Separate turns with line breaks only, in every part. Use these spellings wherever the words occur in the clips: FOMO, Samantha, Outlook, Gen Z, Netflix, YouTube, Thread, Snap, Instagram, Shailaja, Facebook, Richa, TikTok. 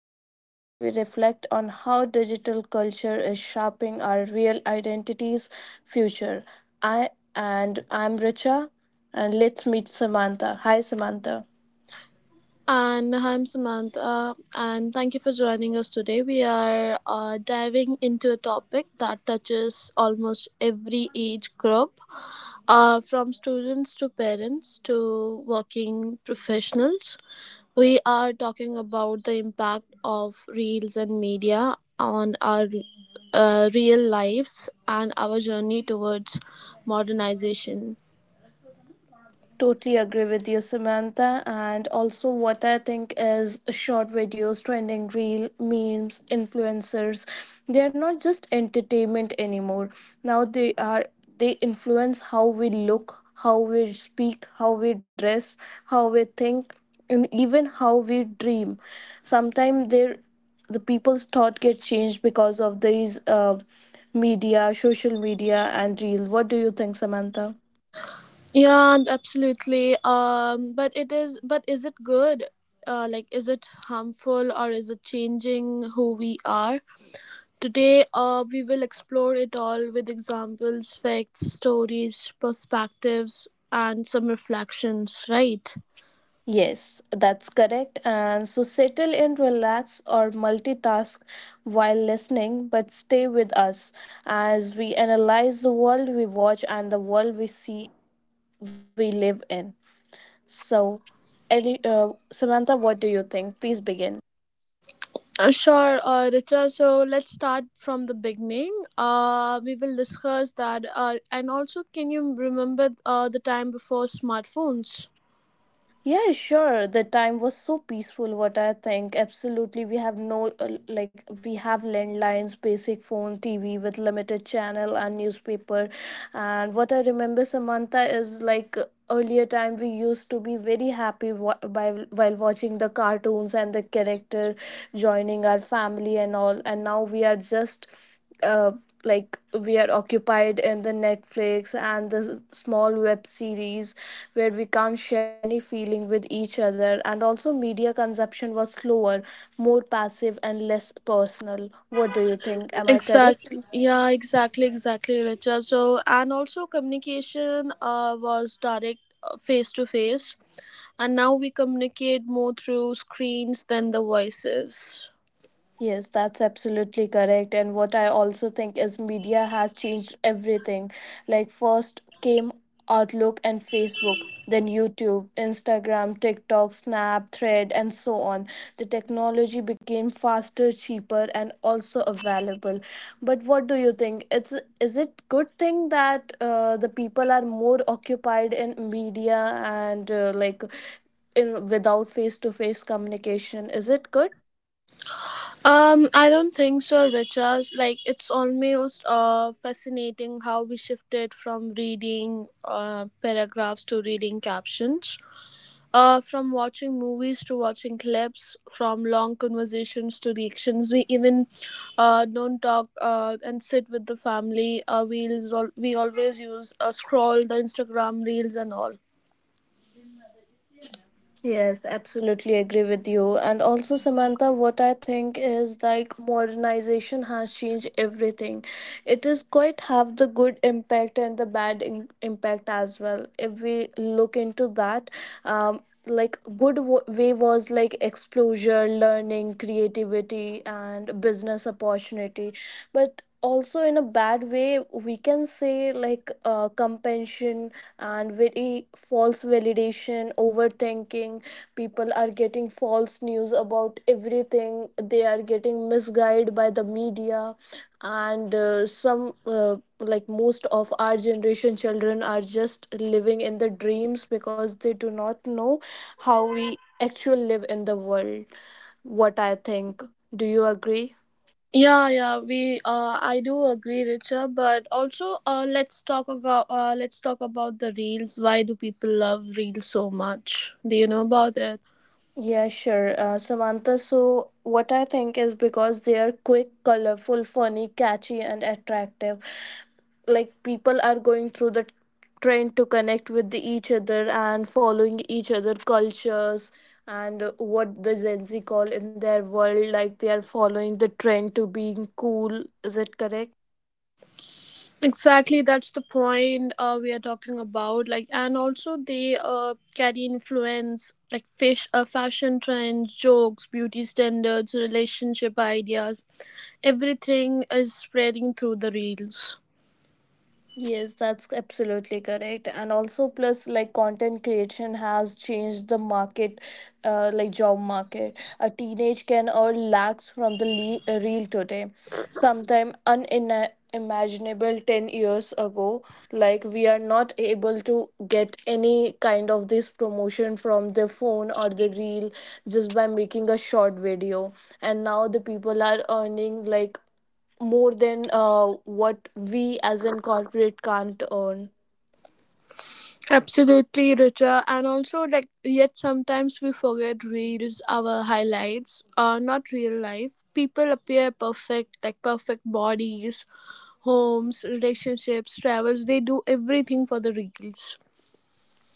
a space where we reflect on how digital culture is shaping our real identities' future. I I'm Richa, and let's meet Samantha. Hi, Samantha.
And I'm Samantha, and thank you for joining us today. We are diving into a topic that touches almost every age group, from students to parents to working professionals. We are talking about the impact of reels and media on our real lives and our journey towards modernization.
Totally agree with you, Samantha. And also, what I think is short videos, trending reel, memes, influencers, they are not just entertainment anymore. Now they influence how we look, how we speak, how we dress, how we think, and even how we dream. Sometimes they're the people's thought get changed because of these media, social media, and reels. What do you think, Samantha?
Yeah, and absolutely. But it is. But is it good? Like, is it harmful or is it changing who we are? Today, we will explore it all with examples, facts, stories, perspectives, and some reflections. Right.
Yes, that's correct. And so settle in, relax, or multitask while listening, but stay with us as we analyze the world we watch and the world we see we live in. So, Samantha, what do you think? Please begin.
Sure, Richa. So let's start from the beginning. We will discuss that. And also, can you remember the time before smartphones?
Yeah, sure. The time was so peaceful, what I think. Absolutely. We have no, we have landlines, basic phone, TV with limited channel and newspaper. And what I remember, Samantha, is like earlier time we used to be very happy wa- by while watching the cartoons and the character joining our family and all, and now we are just uh, like we are occupied in the Netflix and the small web series, where we can't share any feeling with each other. And also media consumption was slower, more passive and less personal. What do you think? Am I correct?
Exactly. Yeah, exactly, exactly, Richa. So, and also communication was direct face to face, and now we communicate more through screens than the voices.
Yes, that's absolutely correct. And what I also think is media has changed everything. Like, first came Outlook and Facebook, then YouTube, Instagram, TikTok, Snap, Thread, and so on. The technology became faster, cheaper, and also available. But what do you think? It's is it good thing that the people are more occupied in media and like in without face to face communication? Is it good?
I don't think so, Richa. Like, it's almost fascinating how we shifted from reading paragraphs to reading captions. From watching movies to watching clips, from long conversations to reactions, we even don't talk and sit with the family. We always use scroll the Instagram reels and all.
Yes, absolutely agree with you. And also, Samantha, what I think is like modernization has changed everything. It is quite have the good impact and the impact as well. If we look into that, like good way was like exposure, learning, creativity, and business opportunity, but also in a bad way we can say like compensation and very false validation, overthinking. People are getting false news about everything. They are getting misguided by the media, and some like most of our generation children are just living in the dreams, because they do not know how we actually live in the world, what I think. Do you agree?
Yeah, yeah, we I do agree, Richa. But also, let's talk about the reels. Why do people love reels so much? Do you know about it?
Yeah, sure. Samantha, so what I think is because they are quick, colorful, funny, catchy, and attractive. Like people are going through the trend to connect with each other and following each other cultures, and what the Gen Z call in their world, like they are following the trend to being cool. Is it correct?
Exactly, that's the point we are talking about. Like, and also they carry influence like fashion trends, jokes, beauty standards, relationship ideas. Everything is spreading through the reels.
Yes, that's absolutely correct. And also, plus, like, content creation has changed the market, job market. A teenage can earn lakhs from the reel today. Sometime unimaginable 10 years ago, like, we are not able to get any kind of this promotion from the phone or the reel just by making a short video. And now the people are earning, like, more than what we as in corporate can't earn.
Absolutely, Richa. And also, like, yet sometimes we forget reels, our highlights, are not real life. People appear perfect, like perfect bodies, homes, relationships, travels. They do everything for the reels.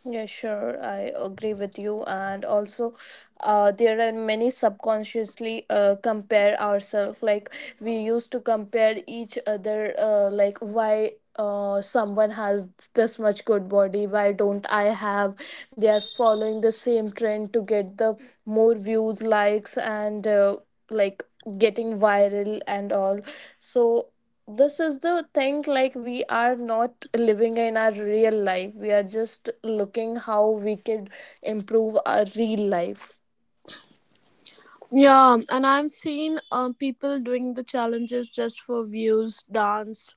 Yeah, sure. I agree with you. And also, there are many subconsciously compare ourselves. Like we used to compare each other. Like why someone has this much good body? Why don't I have? They are following the same trend to get the more views, likes, and like getting viral and all. So this is the thing, like we are not living in our real life, we are just looking how we could improve our real life.
Yeah, and I've seen people doing the challenges just for views, dance,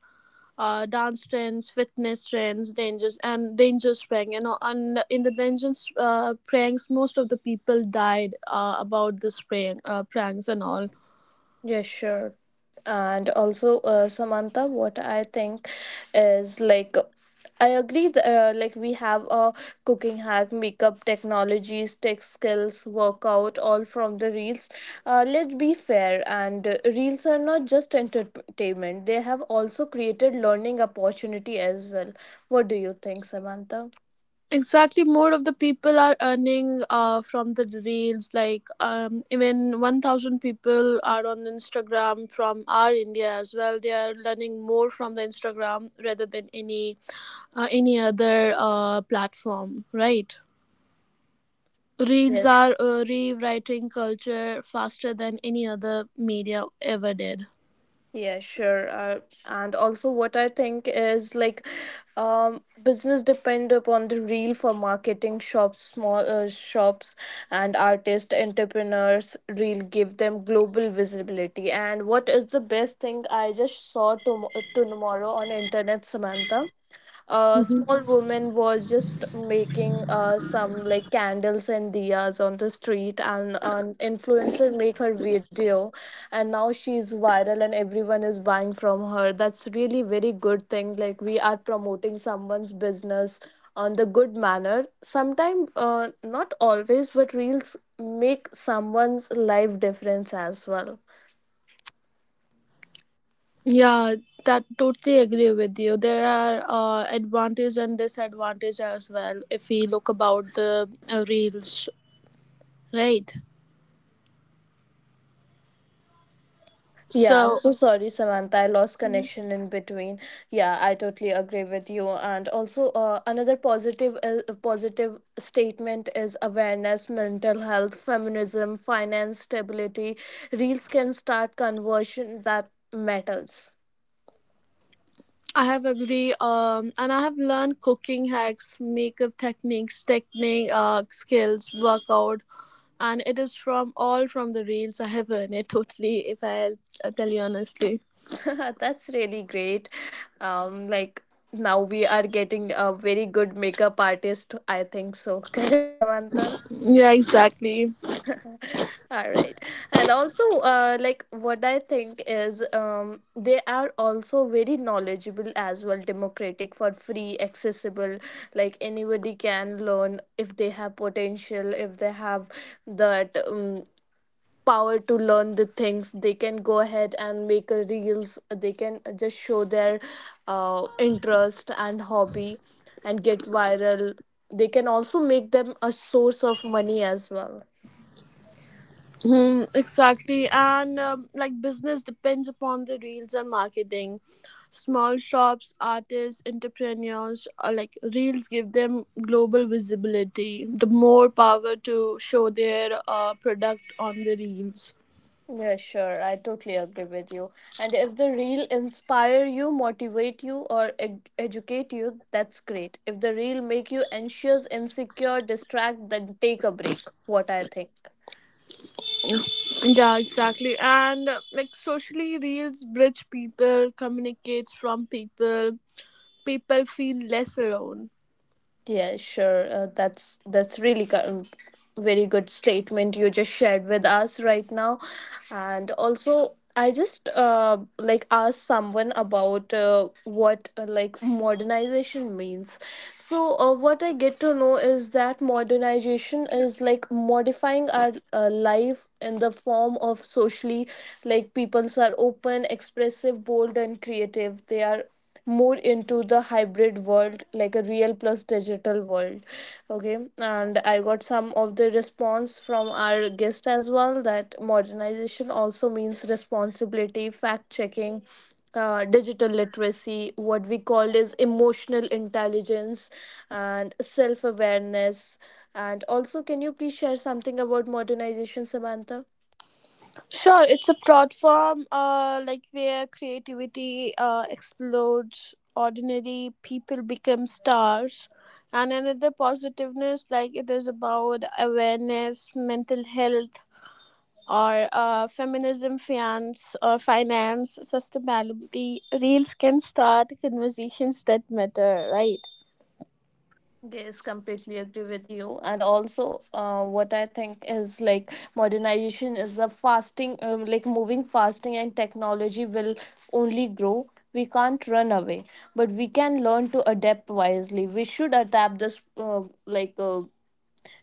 uh, dance trends, fitness trends, dangers, and danger sprang. You know, and in the danger pranks, most of the people died about the sprang, pranks and all.
Yeah, sure. And also, Samantha, what I think is like, I agree that we have a cooking hack, makeup technologies, tech skills, workout, all from the reels. Let's be fair, and reels are not just entertainment; they have also created learning opportunity as well. What do you think, Samantha?
Exactly, more of the people are earning from the reels. Like even 1,000 people are on Instagram from our India as well. They are learning more from the Instagram rather than any other platform, right? Reels are
Yes.
rewriting culture faster than any other media ever did.
Yeah, sure. And also, what I think is like, business depend upon the real for marketing shops, small shops, and artists, entrepreneurs really give them global visibility. And what is the best thing I just saw tomorrow on internet, Samantha? A
Mhm.
small woman was just making some like candles and diyas on the street, and an influencer make her video, and now she's viral and everyone is buying from her. That's really very good thing, like we are promoting someone's business on the good manner. Sometimes, not always, but reels make someone's life difference as well.
Yeah, that totally agree with you. There are advantage and disadvantage as well if we look about the reels, right?
Yeah, I'm
So.
so sorry, Samantha. I lost
Mhm.
connection in between. Yeah, I totally agree with you. And also, another positive statement is awareness, mental health, feminism, finance, stability. Reels can start conversion that matters.
I have agree. And I have learned cooking hacks, makeup techniques, technique skills, workout, and it is from all from the reels I have earned it totally. If I tell you honestly,
That's really great. Like now we are getting a very good makeup artist. I think so. Correct, Samantha.
yeah, exactly.
All right. And also, what I think is, they are also very knowledgeable as well, democratic for free, accessible. Like anybody can learn if they have potential, if they have that. Power to learn the things, they can go ahead and make a reels. They can just show their interest and hobby and get viral. They can also make them a source of money as well.
Hmm, exactly, and like business depends upon the reels and marketing. Small shops, artists, entrepreneurs, like reels give them global visibility. The more power to show their product on the reels.
Yeah, sure, I totally agree with you. And if the reel inspire you, motivate you or educate you, that's great. If the reel make you anxious, insecure, distract, then take a break, what I think.
Yeah, exactly, and like socially, reels bridge people, communicates from people, people feel less alone.
Yeah, sure. That's very good statement you just shared with us right now. And also I just asked someone about what modernization means. So what I get to know is that modernization is like modifying our life in the form of socially, like peoples are open, expressive, bold, and creative. They are more into the hybrid world, like a real plus digital world. Okay, and I got some of the response from our guest as well that modernization also means responsibility, fact checking, digital literacy, what we call is emotional intelligence and self awareness. And also can you please share something about modernization, Samantha?
Sure, it's a platform like where creativity explodes, ordinary people become stars. And another positiveness, like it is about awareness, mental health, or feminism, finance, or finance sustainability. Reels can start conversations that matter, right?
Yes, completely agree with you. And also, what I think is like modernization is a fasting, like moving fasting, and technology will only grow. We can't run away, but we can learn to adapt wisely. We should adapt this,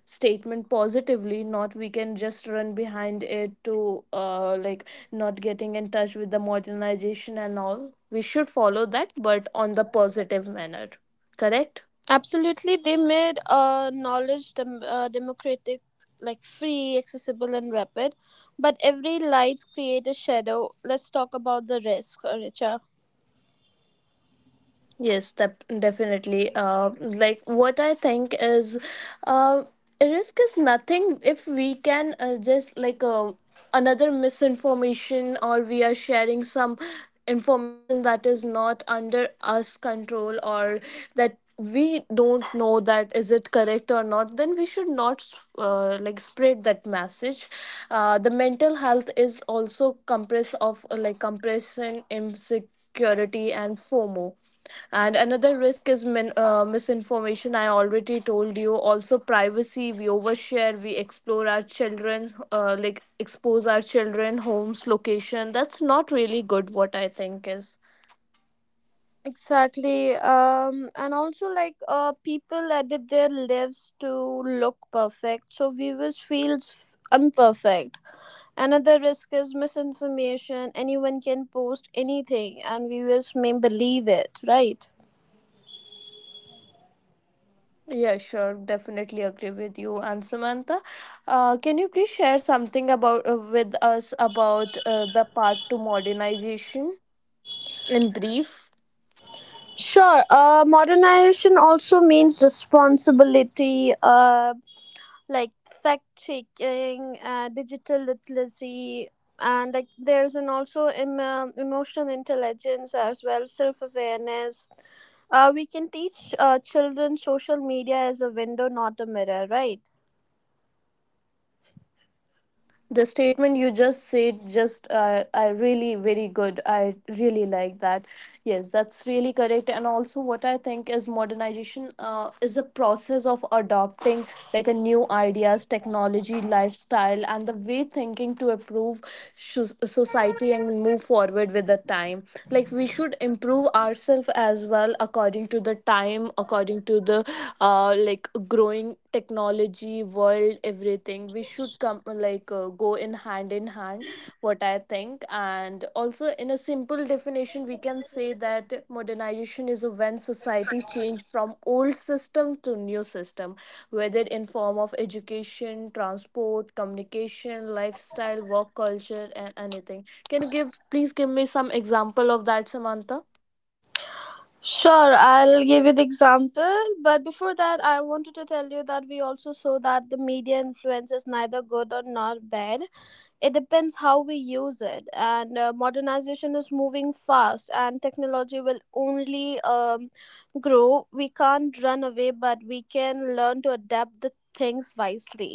statement positively, not we can just run behind it to, not getting in touch with the modernization and all. We should follow that, but on the positive manner. Correct?
Absolutely, they made knowledge democratic, like free, accessible, and rapid. But every light create a shadow. Let's talk about the risk, Richa.
Yes, definitely. Like what I think is, uh, risk is nothing if we can just like another misinformation, or we are sharing some information that is not under us control, or that we don't know that is it correct or not, then we should not spread that message. Uh, the mental health is also compress of compression, insecurity, security and FOMO. And another risk is misinformation. I already told you. Also, privacy. We overshare. We explore our children, expose our children, homes, location. That's not really good, what I think is.
Exactly. And also, like, people edit their lives to look perfect, so viewers feels imperfect. Another risk is misinformation. Anyone can post anything, and viewers may believe it, right?
Yeah, sure. Definitely agree with you. And Samantha, can you please share something about with us about the path to modernization in brief?
Sure. Modernization also means responsibility, like fact checking, digital literacy, and like there's an also emotional intelligence as well, self awareness. We can teach children social media as a window, not a mirror, right?
The statement you just said just I really very good, I really like that. Yes, that's really correct. And also what I think is modernization is a process of adopting like a new ideas, technology, lifestyle and the way thinking to improve society and move forward with the time. Like we should improve ourselves as well according to the time, according to the growing technology world, everything we should come, like go in hand in hand, what I think. And also in a simple definition, we can say that modernization is when society change from old system to new system, whether in form of education, transport, communication, lifestyle, work culture, and anything. Can you give please give me some example of that, Samantha?
Sure, I'll give you the example. But before that, I wanted to tell you that we also saw that the media influence is neither good or not bad. It depends how we use it, and modernization is moving fast and technology will only grow. We can't run away, but we can learn to adapt the things wisely.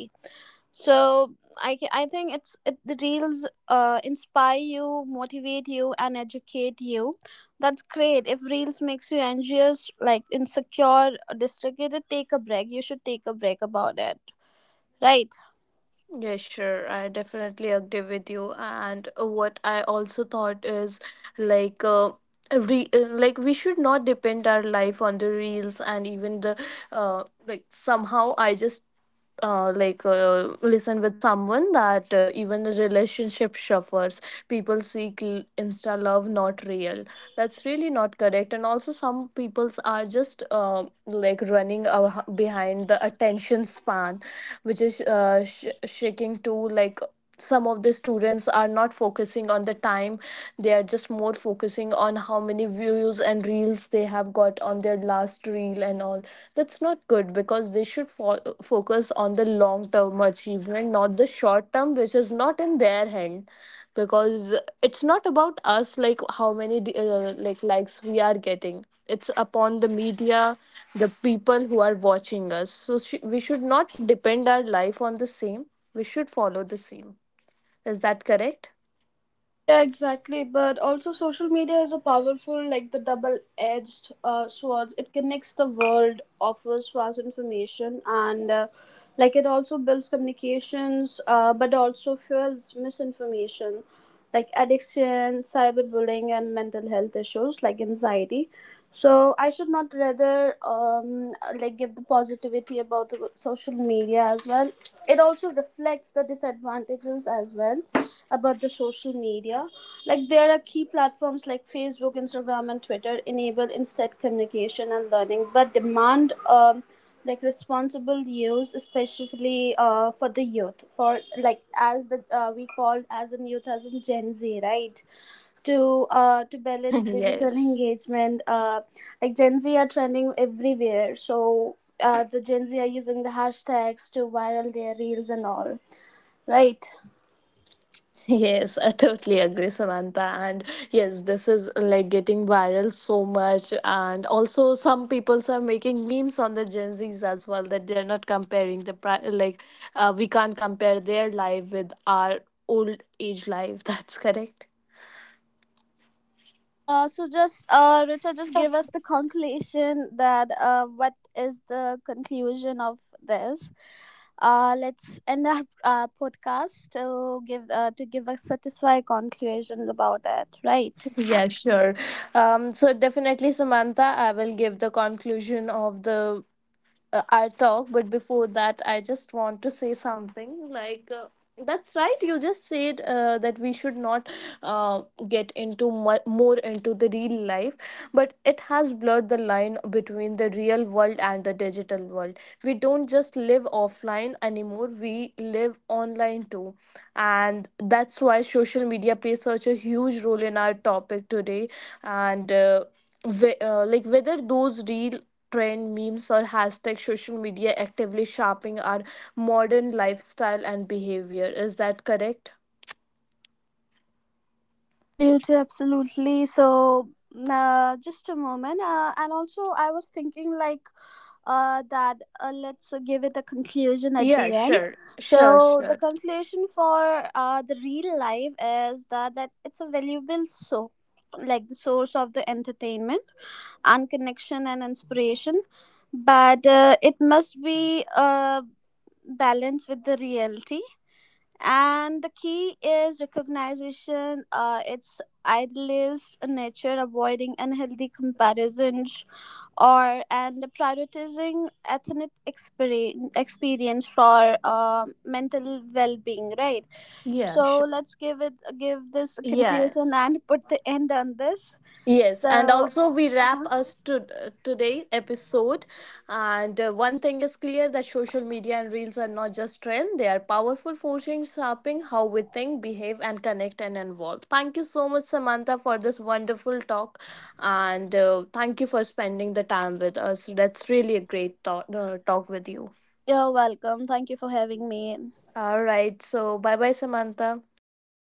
So I think the reels inspire you, motivate you, and educate you, that's great. If reels makes you anxious, like insecure, distracted, take a break. You should take a break about it, right?
Yes, sure. I definitely agree with you. And what I also thought is like we should not depend our life on the reels, and even the somehow I just listen with someone that even the relationship suffers. People seek insta love, not real. That's really not correct. And also, some peoples are just running behind the attention span, which is shaking to like some of the students are not focusing on the time. They are just more focusing on how many views and reels they have got on their last reel and all. That's not good, because they should focus on the long term achievement, not the short term, which is not in their hand. Because it's not about us, like how many likes we are getting, it's upon the media, the people who are watching us. So we should not depend our life on the same, we should follow the same. Is that correct?
Yeah, exactly. But also, social media is a powerful, like the double-edged swords. It connects the world, offers vast information, and like it also builds communications, but also fuels misinformation, like addiction, cyberbullying, and mental health issues like anxiety. So I should not rather like give the positivity about the social media as well. It also reflects the disadvantages as well about the social media. Like there are key platforms like Facebook, Instagram, and Twitter enable instant communication and learning, but demand like responsible use, especially for the youth, for like as the we call as in youth as in Gen Z, right? To balance digital
Yes.
engagement, like Gen Z are trending everywhere, so. The Gen Z are using the hashtags to viral their reels and all, right?
Yes, I totally agree, Samantha. And yes, this is like getting viral so much. And also, some people are making memes on the Gen Zs as well, that they're not comparing the we can't compare their life with our old age life. That's correct.
So just Richard, just give us the conclusion that what is the conclusion of this? Let's end our podcast to give a satisfying conclusion about it, right?
Yeah, sure. So definitely, Samantha, I will give the conclusion of the our talk. But before that I just want to say something like, that's right, you just said that we should not uh, get into more into the real life, but it has blurred the line between the real world and the digital world. We don't just live offline anymore, we live online too. And that's why social media plays such a huge role in our topic today. And whether those real trend, memes or hashtag, social media actively shaping our modern lifestyle and behavior. Is that correct?
Absolutely, absolutely. So, just a moment. And also, I was thinking that let's give it a conclusion at
Yeah,
the end.
sure, sure,
So, the
sure.
conclusion for the real life is that it's a valuable, so like the source of the entertainment and connection and inspiration, but it must be balanced with the reality, and the key is recognition its idealist nature, avoiding unhealthy comparisons or and prioritizing ethnic experience for mental well-being, right?
Yeah,
So
sure.
let's give it, give this a conclusion
Yes.
and put the end on this.
Yes, and
So
also we wrap
uh-huh.
us to today episode. And one thing is clear that social media and reels are not just trend; they are powerful, forcing shaping how we think, behave, and connect and involve. Thank you so much, Samantha, for this wonderful talk, and thank you for spending the time with us. That's really a great talk, talk with you.
You're welcome, thank you for having me.
All right, so bye bye, Samantha.